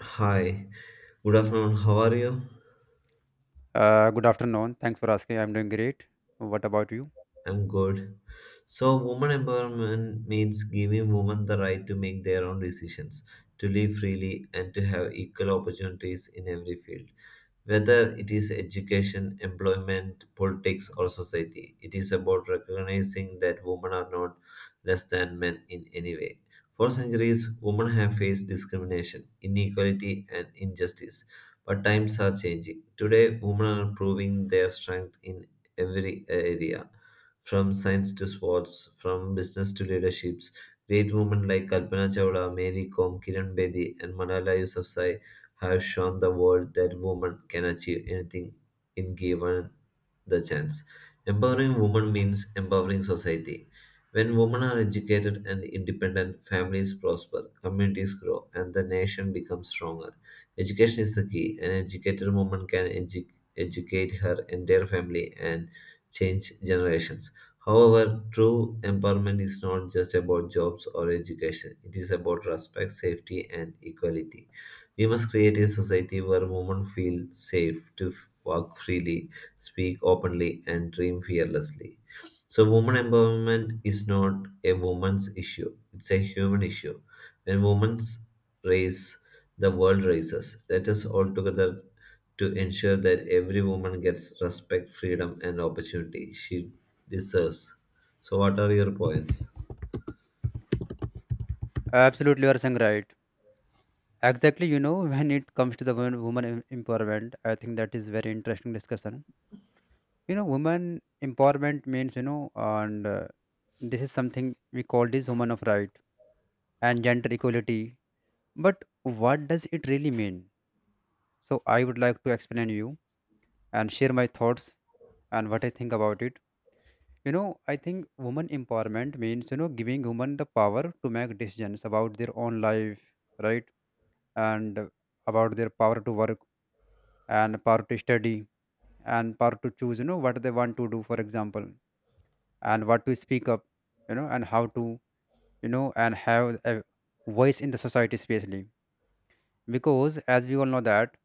Hi, good afternoon. How are you? Good afternoon. Thanks for asking. I'm doing great. What about you? I'm good. So, woman empowerment means giving women the right to make their own decisions, to live freely, and to have equal opportunities in every field. Whether it is education, employment, politics, or society, it is about recognizing that women are not less than men in any way. For centuries, women have faced discrimination, inequality, and injustice. But times are changing. Today, women are proving their strength in every area from science to sports, from business to leaderships, great women like Kalpana Chawla, Mary Kom, Kiran Bedi, and Malala Yousafzai have shown the world that women can achieve anything in given the chance. Empowering women means empowering society. When women are educated and independent, families prosper, communities grow, and the nation becomes stronger. Education is the key. An educated woman can educate her entire family and change generations. However, true empowerment is not just about jobs or education, it is about respect, safety, and equality. We must create a society where women feel safe to walk freely, speak openly, and dream fearlessly. So, woman empowerment is not a woman's issue, it's a human issue. When women raise the world raises. Let us all together to ensure that every woman gets respect, freedom, and opportunity she deserves. So, what are your points? Absolutely, you are saying right. Exactly, you know, when it comes to the women, woman empowerment, I think that is very interesting discussion. You know, woman empowerment means, you know, and this is something we call this woman of right and gender equality. But what does it really mean? So I would like to explain you and share my thoughts and what I think about it. You know, I think woman empowerment means, you know, giving women the power to make decisions about their own life, right? And about their power to work and power to study and power to choose, you know, what they want to do, for example, and what to speak up, you know, and how to, you know, and have a voice in the society, especially. Because as we all know that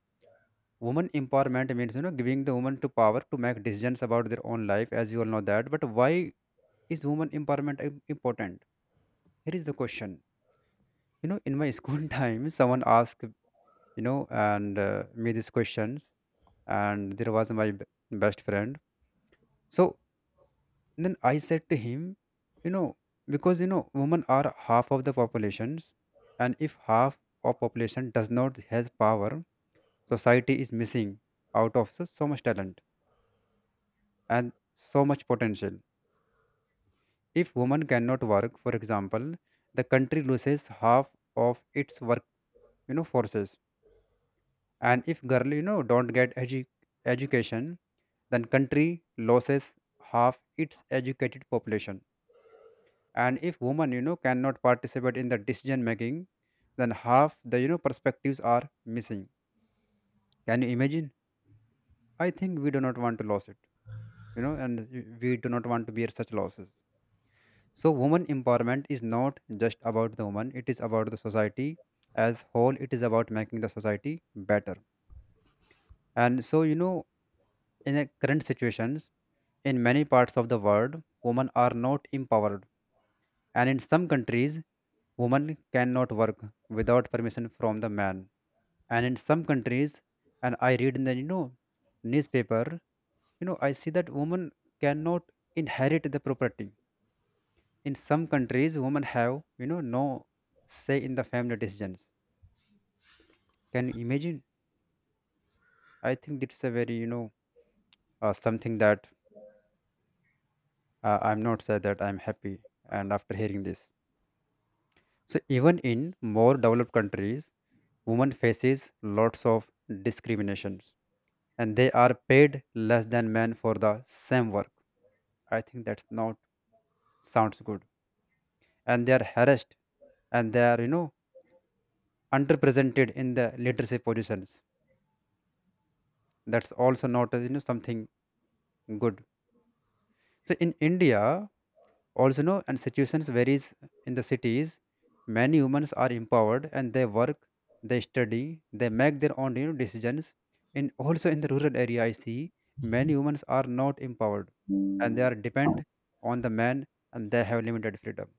woman empowerment means, you know, giving the woman to power to make decisions about their own life, as we all know that. But why is woman empowerment important? Here is the question, you know, in my school time someone asked, you know, and me these questions, and there was my best friend. So then I said to him, you know, because, you know, women are half of the populations, and if half of population does not has power, society is missing out of so, so much talent and so much potential. If women cannot work, for example, the country loses half of its work, you know, forces. And if girl, you know, don't get education, then country loses half its educated population. And if woman, you know, cannot participate in the decision making, then half the, you know, perspectives are missing. Can you imagine? I think we do not want to lose it, you know, and we do not want to bear such losses. So woman empowerment is not just about the woman, it is about the society as whole. It is about making the society better. And so, you know, in the current situations, in many parts of the world, women are not empowered, and in some countries, women cannot work without permission from the man. And in some countries, and I read in the, you know, newspaper, you know, I see that women cannot inherit the property. In some countries, women have, you know, no say in the family decisions. Can you imagine? I think it's a very, you know, something that I'm not sad, that I'm happy. And after hearing this, so even in more developed countries, women faces lots of discriminations, and they are paid less than men for the same work. I think that's not sounds good. And they are harassed, and they are, you know, underrepresented in the leadership positions. That's also not you know, something good. So in India, also know, and situations varies. In the cities, many humans are empowered, and they work, they study, they make their own, you know, decisions. In also in the rural area, I see many humans are not empowered, and they are depend on the man, and they have limited freedom.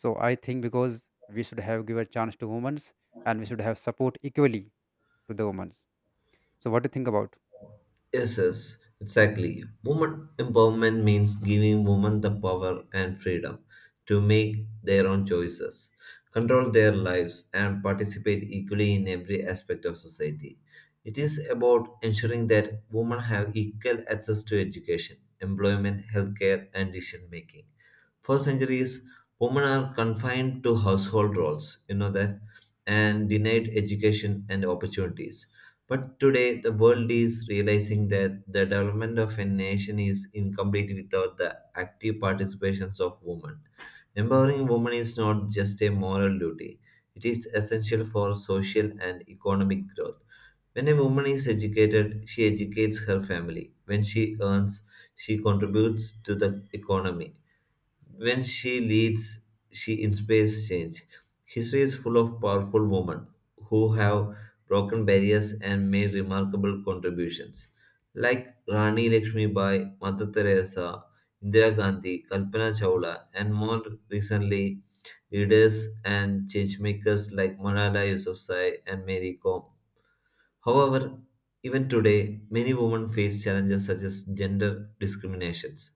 So I think because we should have give a chance to humans, and we should have support equally to the women. So what do you think about? Yes, yes, exactly. Woman empowerment means giving women the power and freedom to make their own choices, control their lives, and participate equally in every aspect of society. It is about ensuring that women have equal access to education, employment, healthcare, and decision making. For centuries, women are confined to household roles, you know that, and denied education and opportunities but today, the world is realizing that the development of a nation is incomplete without the active participations of women. Empowering women is not just a moral duty, it is essential for social and economic growth. When a woman is educated, she educates her family. When she earns, she contributes to the economy. When she leads, she inspires change. History is full of powerful women who have broken barriers and made remarkable contributions, like Rani Lakshmi Bai, Mother Teresa, Indira Gandhi, Kalpana Chawla, and more recently, leaders and changemakers like Malala Yousafzai and Mary Kom. However, even today, many women face challenges such as gender discriminations,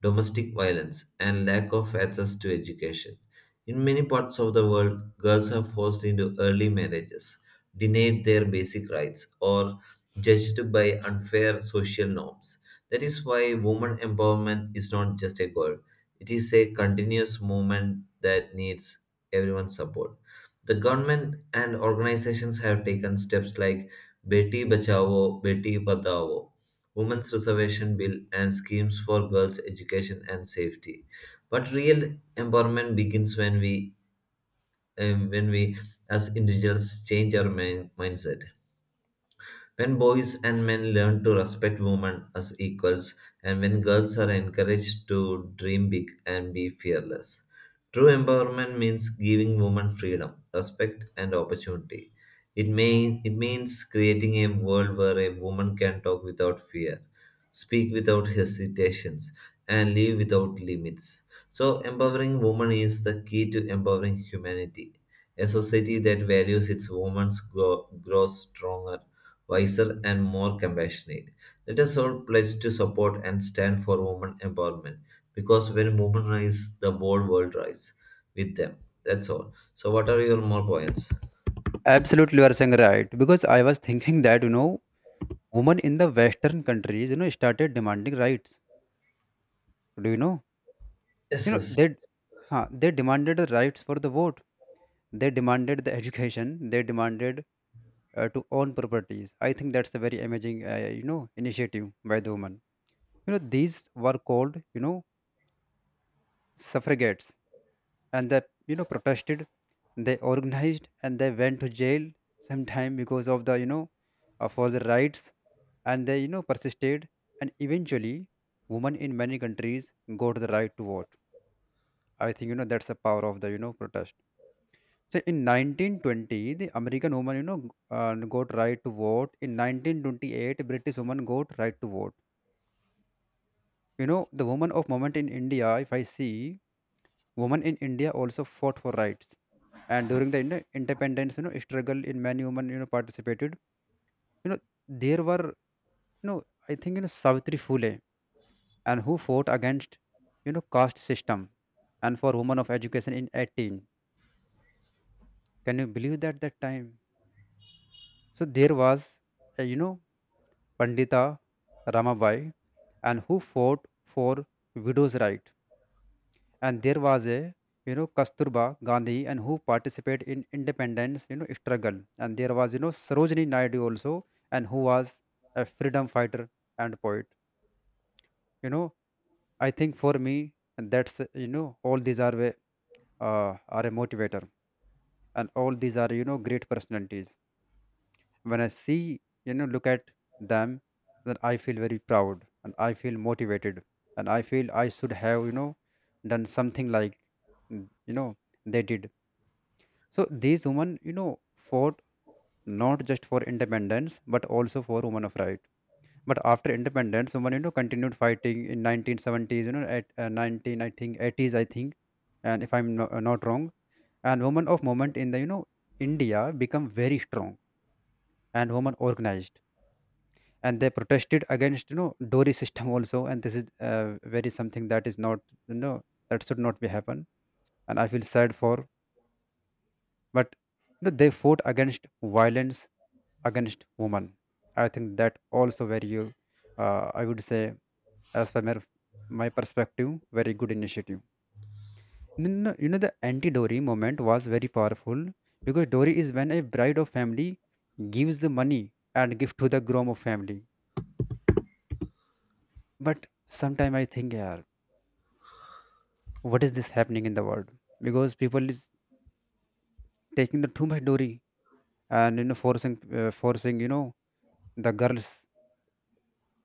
domestic violence, and lack of access to education. In many parts of the world, girls are forced into early marriages, denied their basic rights, or judged by unfair social norms. That is why women empowerment is not just a goal, it is a continuous movement that needs everyone's support. The government and organizations have taken steps like Beti Bachao, Beti Padhao, Women's Reservation Bill, and schemes for girls' education and safety. But real empowerment begins when we as individuals, change our mindset. When boys and men learn to respect women as equals, and when girls are encouraged to dream big and be fearless. True empowerment means giving women freedom, respect, and opportunity. It, may, it means creating a world where a woman can talk without fear, speak without hesitations, and live without limits. So, empowering women is the key to empowering humanity. A society that values its women grows stronger wiser, and more compassionate. Let us all pledge to support and stand for women empowerment because when women rise, the whole world rises with them. That's all. So, what are your more points? Absolutely, you are saying right, because I was thinking that, you know, women in the western countries, you know, started demanding rights. Do you know? Yes, You know, yes. they, huh, they demanded the rights for the vote. They demanded the education. They demanded to own properties. I think that's a very amazing, you know, initiative by the woman. You know, these were called, you know, suffragettes, and they, you know, protested. They organized and they went to jail sometime because of the, you know, for the rights, and they, you know, persisted. And eventually, women in many countries got the right to vote. I think, you know, that's the power of the, you know, protest. So in 1920, the American woman, you know, got right to vote. In 1928, British woman got right to vote. You know, the woman of moment in India, if I see, women in India also fought for rights. And during the, you know, independence, you know, struggle in many women, you know, participated. You know, there were, you know, I think, you know, Savitri Phule, and who fought against, you know, caste system and for women of education in 18. Can you believe that that time? So there was, you know, Pandita Ramabai, and who fought for widows' right. And there was a, you know, Kasturba Gandhi, and who participated in independence, you know, struggle. And there was, you know, Sarojini Naidu also, and who was a freedom fighter and poet. You know, I think for me, that's, you know, all these are are a motivator, and all these are, you know, great personalities. When I see, you know, look at them, then I feel very proud, and I feel motivated, and I feel I should have, you know, done something like you know, they did. So these women, you know, fought not just for independence, but also for women of right. But after independence, women, you know, continued fighting in 1970s, you know, at 19, I think, 80s, I think, and if I'm no, not wrong. And women of movement in the, you know, India become very strong, and women organized, and they protested against, you know, dory system also. And this is very something that is not, you know, that should not be happen, and I feel sad for. But, you know, they fought against violence against women. I think that also very you, I would say, as per my, my perspective, very good initiative. You know, you know, the anti dory movement was very powerful, because dory is when a bride of family gives the money and gift to the groom of family. But sometime I think, yeah, what is this happening in the world? Because people is taking the too much dowry, and, you know, forcing you know, the girls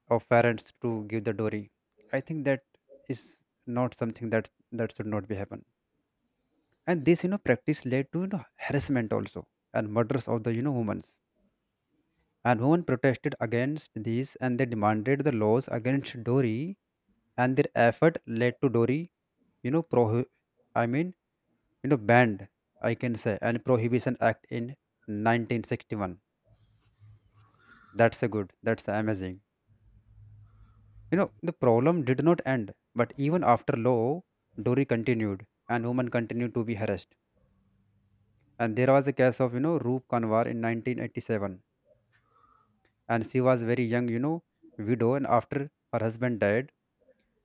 of parents to give the dowry. I think that is not something that that should not be happen. And this, you know, practice led to, you know, harassment also, and murders of the, you know, women. And women protested against this, and they demanded the laws against dowry. And their effort led to dowry, you know, pro I mean, you know, banned, I can say, and prohibition act in 1961. That's a good, that's amazing. You know, the problem did not end, but even after law, dory continued, and women continued to be harassed. And there was a case of, you know, Roop Kanwar in 1987, and she was very young, you know, widow. And after her husband died,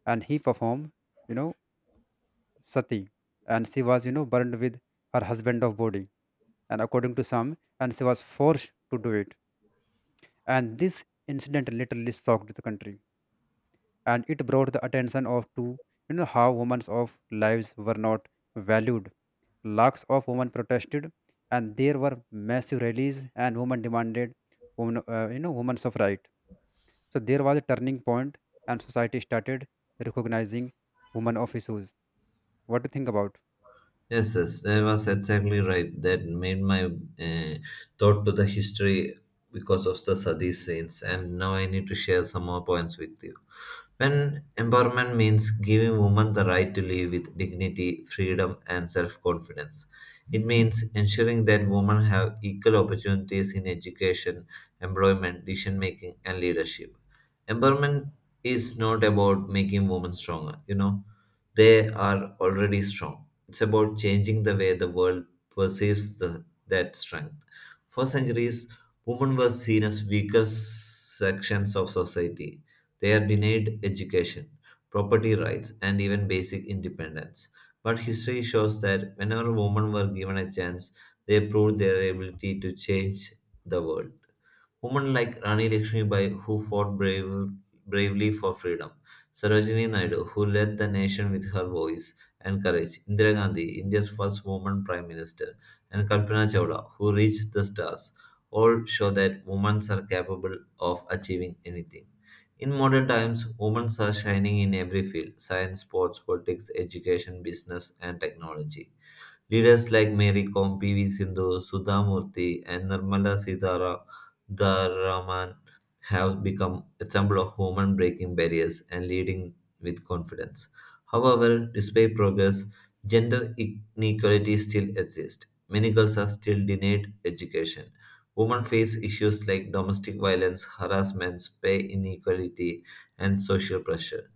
and he performed, you know, sati, and she was, you know, burned with her husband of body. And according to some, and she was forced to do it. And this incident literally shocked the country, and it brought the attention of to, you know, how women's of lives were not valued. Lakhs of women protested, and there were massive rallies, and women demanded women, you know, women's of right. So there was a turning point, and society started recognizing women of issues. What do you think about? Yes, yes, that was exactly right. That made my thought to the history because of the Sadi saints, and now I need to share some more points with you. When empowerment means giving women the right to live with dignity, freedom, and self confidence, it means ensuring that women have equal opportunities in education, employment, decision making, and leadership. Empowerment is not about making women stronger, you know, they are already strong. It's about changing the way the world perceives the, that strength. For centuries, women were seen as weaker sections of society. They are denied education, property rights, and even basic independence. But history shows that whenever women were given a chance, they proved their ability to change the world. Women like Rani Lakshmibai, who fought brave, bravely for freedom, Sarojini Naidu, who led the nation with her voice and courage, Indira Gandhi, India's first woman prime minister, and Kalpana Chawla, who reached the stars, all show that women are capable of achieving anything. In modern times, women are shining in every field science, sports, politics, education, business, and technology. Leaders like Mary Kom, PV Sindhu, Sudha Murthy, and Nirmala Sitharaman have become examples of women breaking barriers and leading with confidence. However, despite progress, gender inequality still exists. Many girls are still denied education. Women face issues like domestic violence, harassment, pay inequality, and social pressure.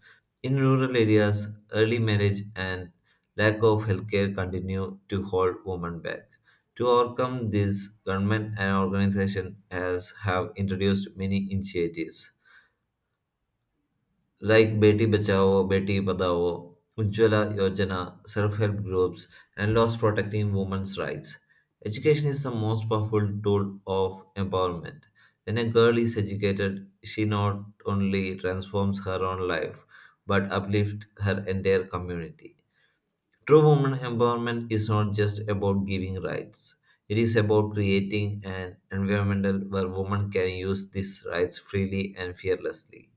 In rural areas, early marriage and lack of healthcare continue to hold women back. To overcome this, government and organizations has have introduced many initiatives like Beti Bachao, Beti Padhao, Ujjwala Yojana, self-help groups, and laws protecting women's rights. Education is the most powerful tool of empowerment. When a girl is educated, she not only transforms her own life, but uplifts her entire community. True woman empowerment is not just about giving rights. It is about creating an environment where women can use these rights freely and fearlessly.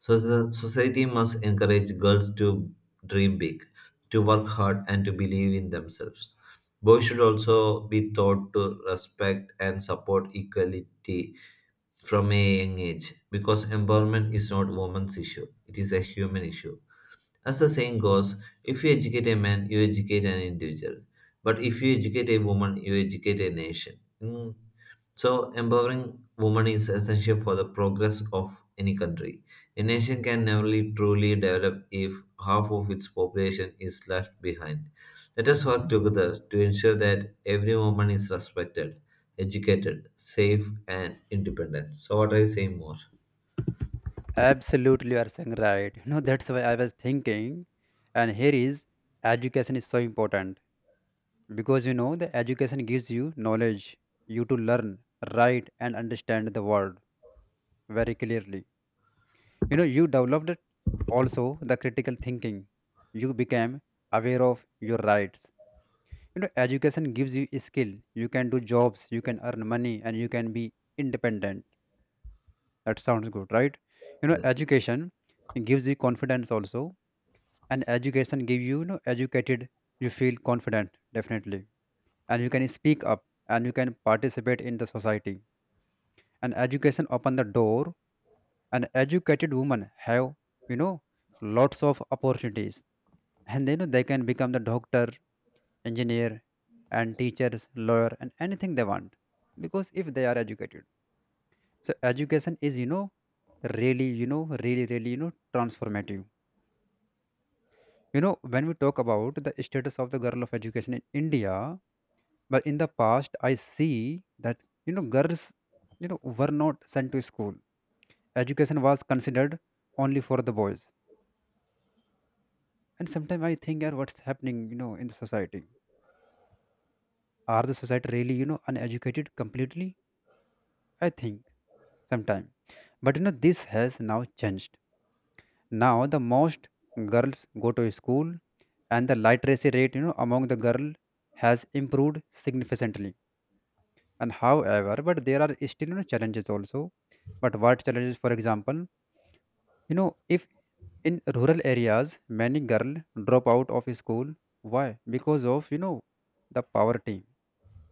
So the society must encourage girls to dream big, to work hard and to believe in themselves. Boys should also be taught to respect and support equality from a young age because empowerment is not a woman's issue, it is a human issue. As the saying goes, if you educate a man, you educate an individual. But if you educate a woman, you educate a nation. Mm. So, empowering women is essential for the progress of any country. A nation can never truly develop if half of its population is left behind. Let us work together to ensure that every woman is respected, educated, safe, and independent. So, what I say more? Absolutely, you are saying right. You know, that's why I was thinking. And here is education is so important, because, you know, the education gives you knowledge. You to learn, write, and understand the world very clearly. You know, you developed it also the critical thinking. You became aware of your rights. You know, education gives you a skill. You can do jobs, you can earn money, and you can be independent. That sounds good, right? You know, Yes. education gives you confidence also. And education gives you, you know, educated you feel confident definitely, and you can speak up, and you can participate in the society. And education open the door, and educated women have, you know, lots of opportunities. And they know they can become the doctor, engineer, and teachers, lawyer, and anything they want, because if they are educated. So education is, you know, really, you know, really, really, you know, transformative. You know, when we talk about the status of the girl of education in India, but in the past I see that, you know, girls, you know, were not sent to school. Education was considered only for the boys. And sometimes I think, "Yeah, what's happening, you know, in the society? Are the society really, you know, uneducated completely?" I think sometimes. But, you know, this has now changed. Now the most girls go to school, and the literacy rate, you know, among the girl has improved significantly. And however, but there are still, you know, challenges also. But what challenges, for example? If in rural areas many girls drop out of school. Why? Because of the poverty,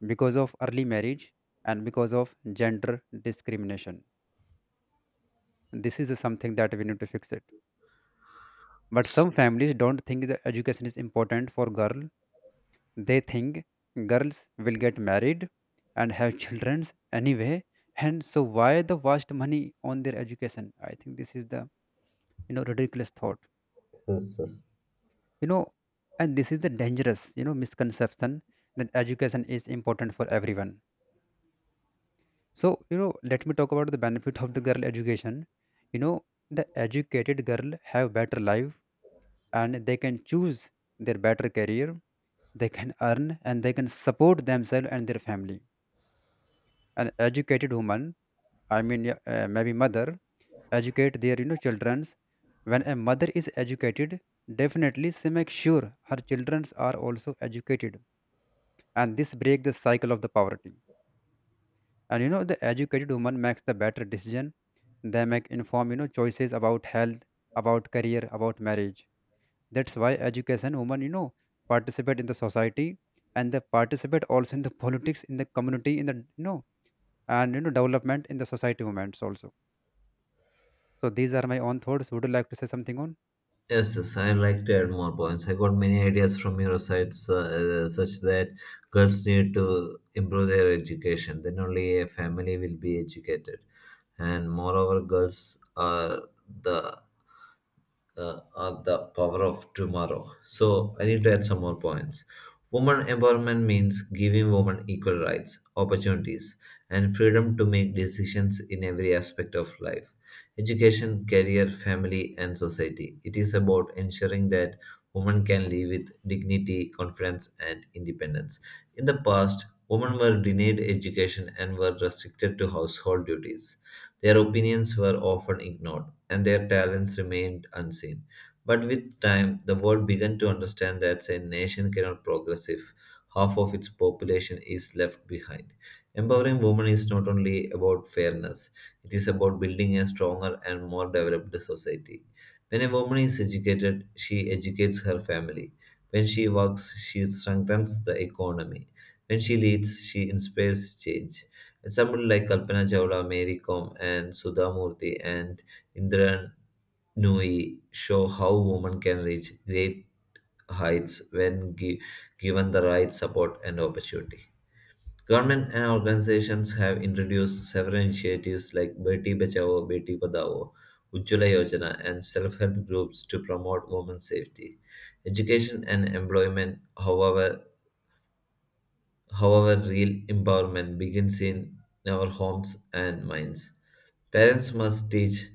because of early marriage, and because of gender discrimination. This is something that we need to fix it. But some families don't think the education is important for girl. They think girls will get married and have children anyway. And so why the waste money on their education? I think this is the ridiculous thought. Yes, yes. you know and this is the dangerous misconception that education is important for everyone. So let me talk about the benefit of the girl education. you know the educated girl have better life, and they can choose their better career. They can earn and they can support themselves and their family. An educated woman, yeah, maybe mother educate their children's. When a mother is educated, definitely she makes sure her children are also educated, and this break the cycle of the poverty. And the educated woman makes the better decision. They make informed choices about health, about career, about marriage. That's why education women participate in the society, and they participate also in the politics, in the community, in the and development in the society movements also. So these are my own thoughts. Would you like to say something on? Yes, yes, I like to add more points. I got many ideas from your sides, such that girls need to improve their education. Then only a family will be educated. And moreover, girls are the the power of tomorrow. So I need to add some more points. Woman empowerment means giving women equal rights, opportunities, and freedom to make decisions in every aspect of life education, career, family, and society. It is about ensuring that women can live with dignity, confidence, and independence. In the past, women were denied education and were restricted to household duties. Their opinions were often ignored and their talents remained unseen. But with time, the world began to understand that a nation cannot progress if half of its population is left behind. Empowering women is not only about fairness, it is about building a stronger and more developed society. When a woman is educated, she educates her family. When she works, she strengthens the economy. When she leads, she inspires change. And someone like Kalpana Chawla, Mary Kom, and Sudha Murthy, and Indra Nooyi show how women can reach great heights when given the right support and opportunity. Government and organizations have introduced several initiatives like Beti Bachao, Beti Padhao, Ujjwala Yojana, and self-help groups to promote women's safety. Education and employment, however, real empowerment begins in our homes and minds. Parents must teach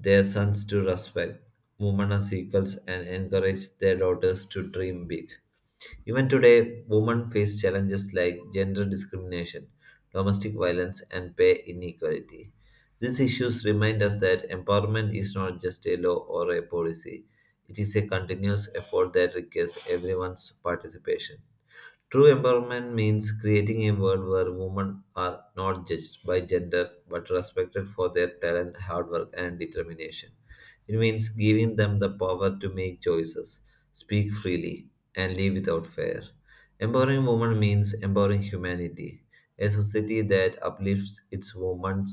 their sons to respect women as equals and encourage their daughters to dream big. Even today, women face challenges like gender discrimination, domestic violence, and pay inequality. These issues remind us that empowerment is not just a law or a policy, it is a continuous effort that requires everyone's participation. True empowerment means creating a world where women are not judged by gender but respected for their talent, hard work, and determination. It means giving them the power to make choices, speak freely, and live without fear. Empowering women means empowering humanity. A society that uplifts its women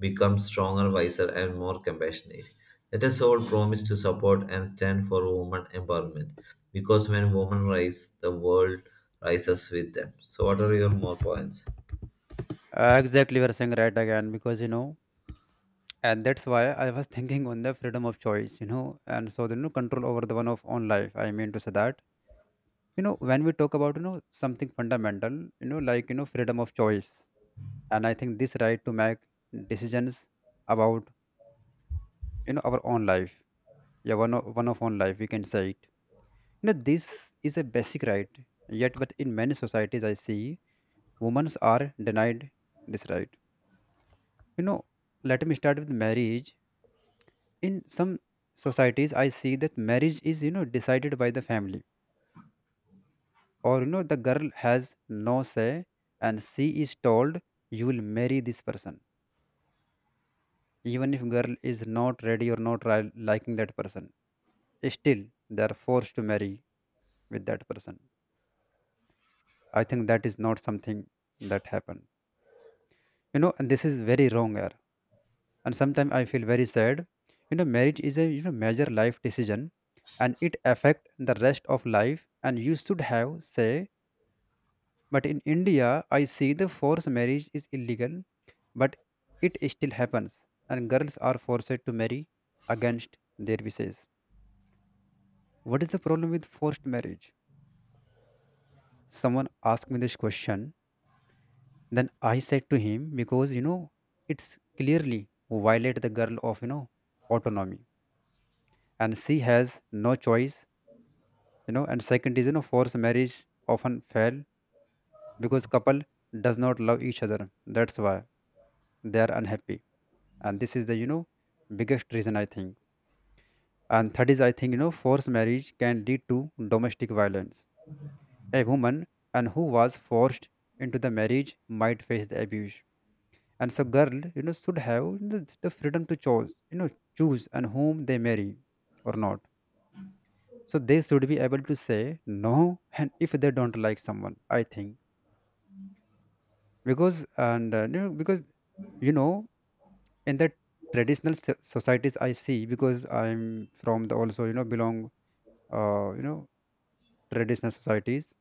becomes stronger, wiser, and more compassionate. Let us all promise to support and stand for women empowerment because when women rise, the world rises with them. So, what are your more points? Exactly, we are saying right again. Because and that's why I was thinking on the freedom of choice, and so the, control over the one of own life. I mean to say that, when we talk about, something fundamental, like, freedom of choice. And I think this right to make decisions about, our own life. Yeah, one of own life, we can say it. This is a basic right. Yet, but in many societies, I see women are denied this right. You know, let me start with marriage. In some societies, I see that marriage is, decided by the family, or the girl has no say, and she is told you will marry this person, even if girl is not ready or not liking that person. Still they are forced to marry with that person. I think that is not something that happened. And this is very wrong error, and sometimes I feel very sad. Marriage is a major life decision, and it affect the rest of life, and you should have say. But in India, I see the forced marriage is illegal, but it still happens, and girls are forced to marry against their wishes. What is the problem with forced marriage? Someone asked me this question, then I said to him, because it's clearly violate the girl of autonomy, and she has no choice, And second is, forced marriage often fail because couple does not love each other. That's why they are unhappy, and this is the biggest reason I think. And that is, I think, forced marriage can lead to domestic violence. A woman and who was forced into the marriage might face the abuse. And so girl, should have the freedom to choose, choose and whom they marry or not. So they should be able to say no and if they don't like someone, I think. Because and because you know, in the traditional societies I see, because I'm from the also, belong uh, you know, traditional societies.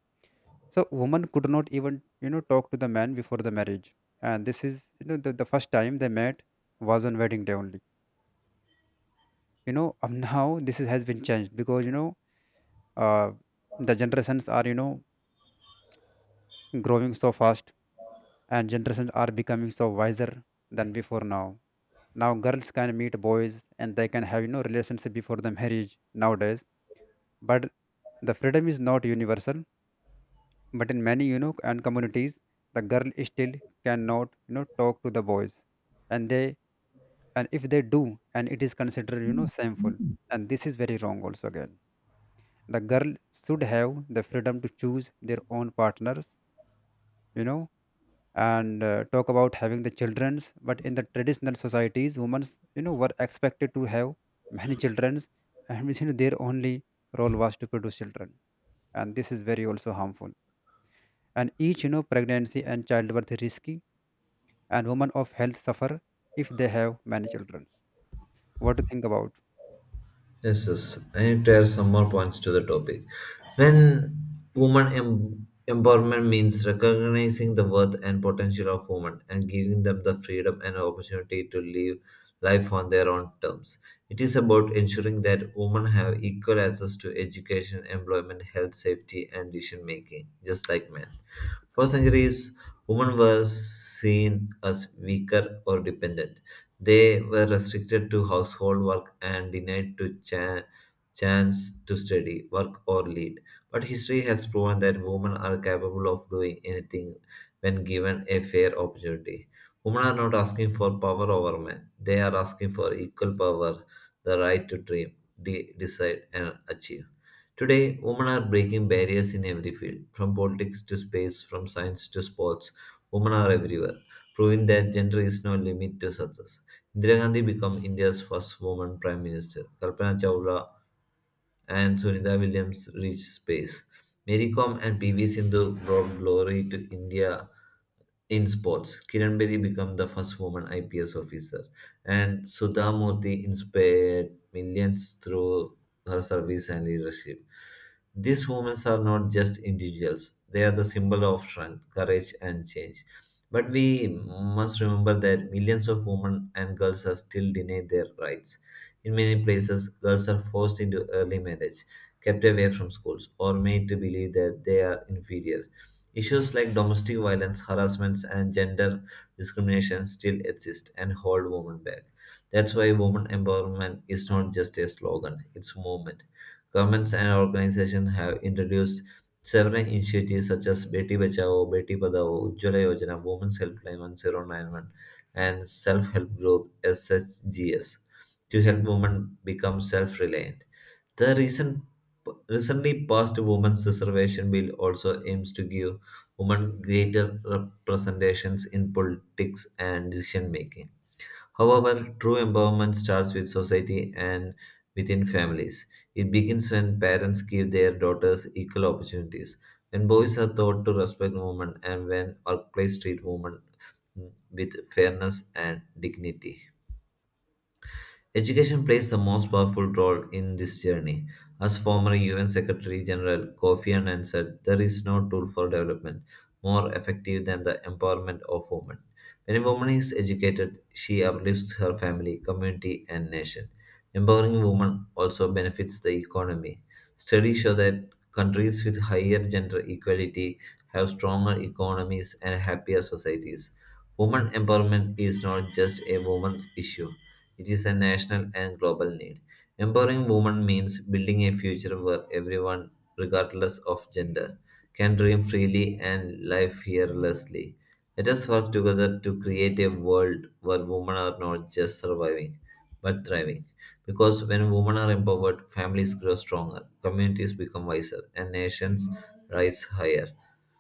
So woman could not even talk to the man before the marriage, and this is the first time they met was on wedding day only. Now this is, has been changed because uh, the generations are growing so fast, and generations are becoming so wiser than before now. Now girls can meet boys and they can have relationship before the marriage nowadays, but the freedom is not universal. But in many, and communities, the girl still cannot, talk to the boys, and they, and if they do, and it is considered, shameful, and this is very wrong also again. The girl should have the freedom to choose their own partners, you know, and talk about having the childrens. But in the traditional societies, women, were expected to have many childrens, and their only role was to produce children, and this is very also harmful, and each pregnancy and childbirth risk, and women of health suffer if they have many children. What do you think about? Yes, yes. I need to add some more points to the topic. When woman empowerment means recognizing the worth and potential of women and giving them the freedom and opportunity to live life on their own terms. It is about ensuring that women have equal access to education, employment, health, safety, and decision making, just like men. For centuries, women were seen as weaker or dependent, they were restricted to household work and denied to chance to study, work, or lead. But history has proven that women are capable of doing anything when given a fair opportunity. Women are not asking for power over men, they are asking for equal power, the right to dream, decide, and achieve. Today, women are breaking barriers in every field, from politics to space, from science to sports. Women are everywhere, proving that gender is no limit to success. Indira Gandhi became India's first woman Prime Minister. Kalpana Chawla and Sunita Williams reached space. Mary Kom and PV Sindhu brought glory to India in sports. Kiran Bedi became the first woman IPS officer, and Sudha Murthy inspired millions through her service and leadership. These women are not just individuals, they are the symbol of strength, courage, and change. But we must remember that millions of women and girls are still denied their rights. In many places, girls are forced into early marriage, kept away from schools, or made to believe that they are inferior. Issues like domestic violence, harassments, and gender discrimination still exist and hold women back. That's why women empowerment is not just a slogan, it's a movement. Governments and organizations have introduced several initiatives such as Beti Bachao, Beti Padhao, Ujjwala Yojana, Women's Helpline 1091, and Self Help Group SHGS to help women become self reliant. The recently passed Women's Reservation Bill also aims to give women greater representations in politics and decision making. However, true empowerment starts with society and within families. It begins when parents give their daughters equal opportunities, when boys are taught to respect women, and when workplace treat women with fairness and dignity. Education plays the most powerful role in this journey. As former UN Secretary General Kofi Annan said, there is no tool for development more effective than the empowerment of women. When a woman is educated, she uplifts her family, community, and nation. Empowering women also benefits the economy. Studies show that countries with higher gender equality have stronger economies and happier societies. Women empowerment is not just a woman's issue, it is a national and global need. Empowering women means building a future where everyone, regardless of gender, can dream freely and live fearlessly. Let us work together to create a world where women are not just surviving, but thriving. Because when women are empowered, families grow stronger, communities become wiser, and nations rise higher.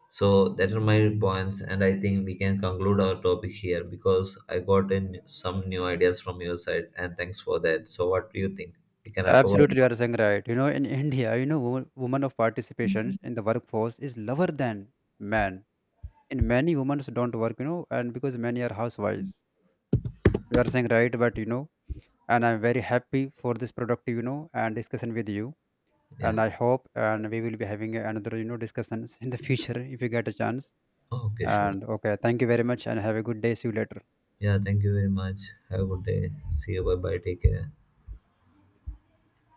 So that are my points, and I think we can conclude our topic here because I got in some new ideas from your side, and thanks for that. So what do you think? We can wrap up. Absolutely, you are saying right. In India, women of participation in the workforce is lower than men. In many women don't work, and because many are housewives. You are saying right, but and I'm very happy for this productive, and discussion with you. Yeah. And I hope, and we will be having another, discussions in the future if you get a chance. Okay, sure. And okay, thank you very much, and have a good day. See you later. Yeah. Thank you very much. Have a good day. See you. Bye bye. Take care.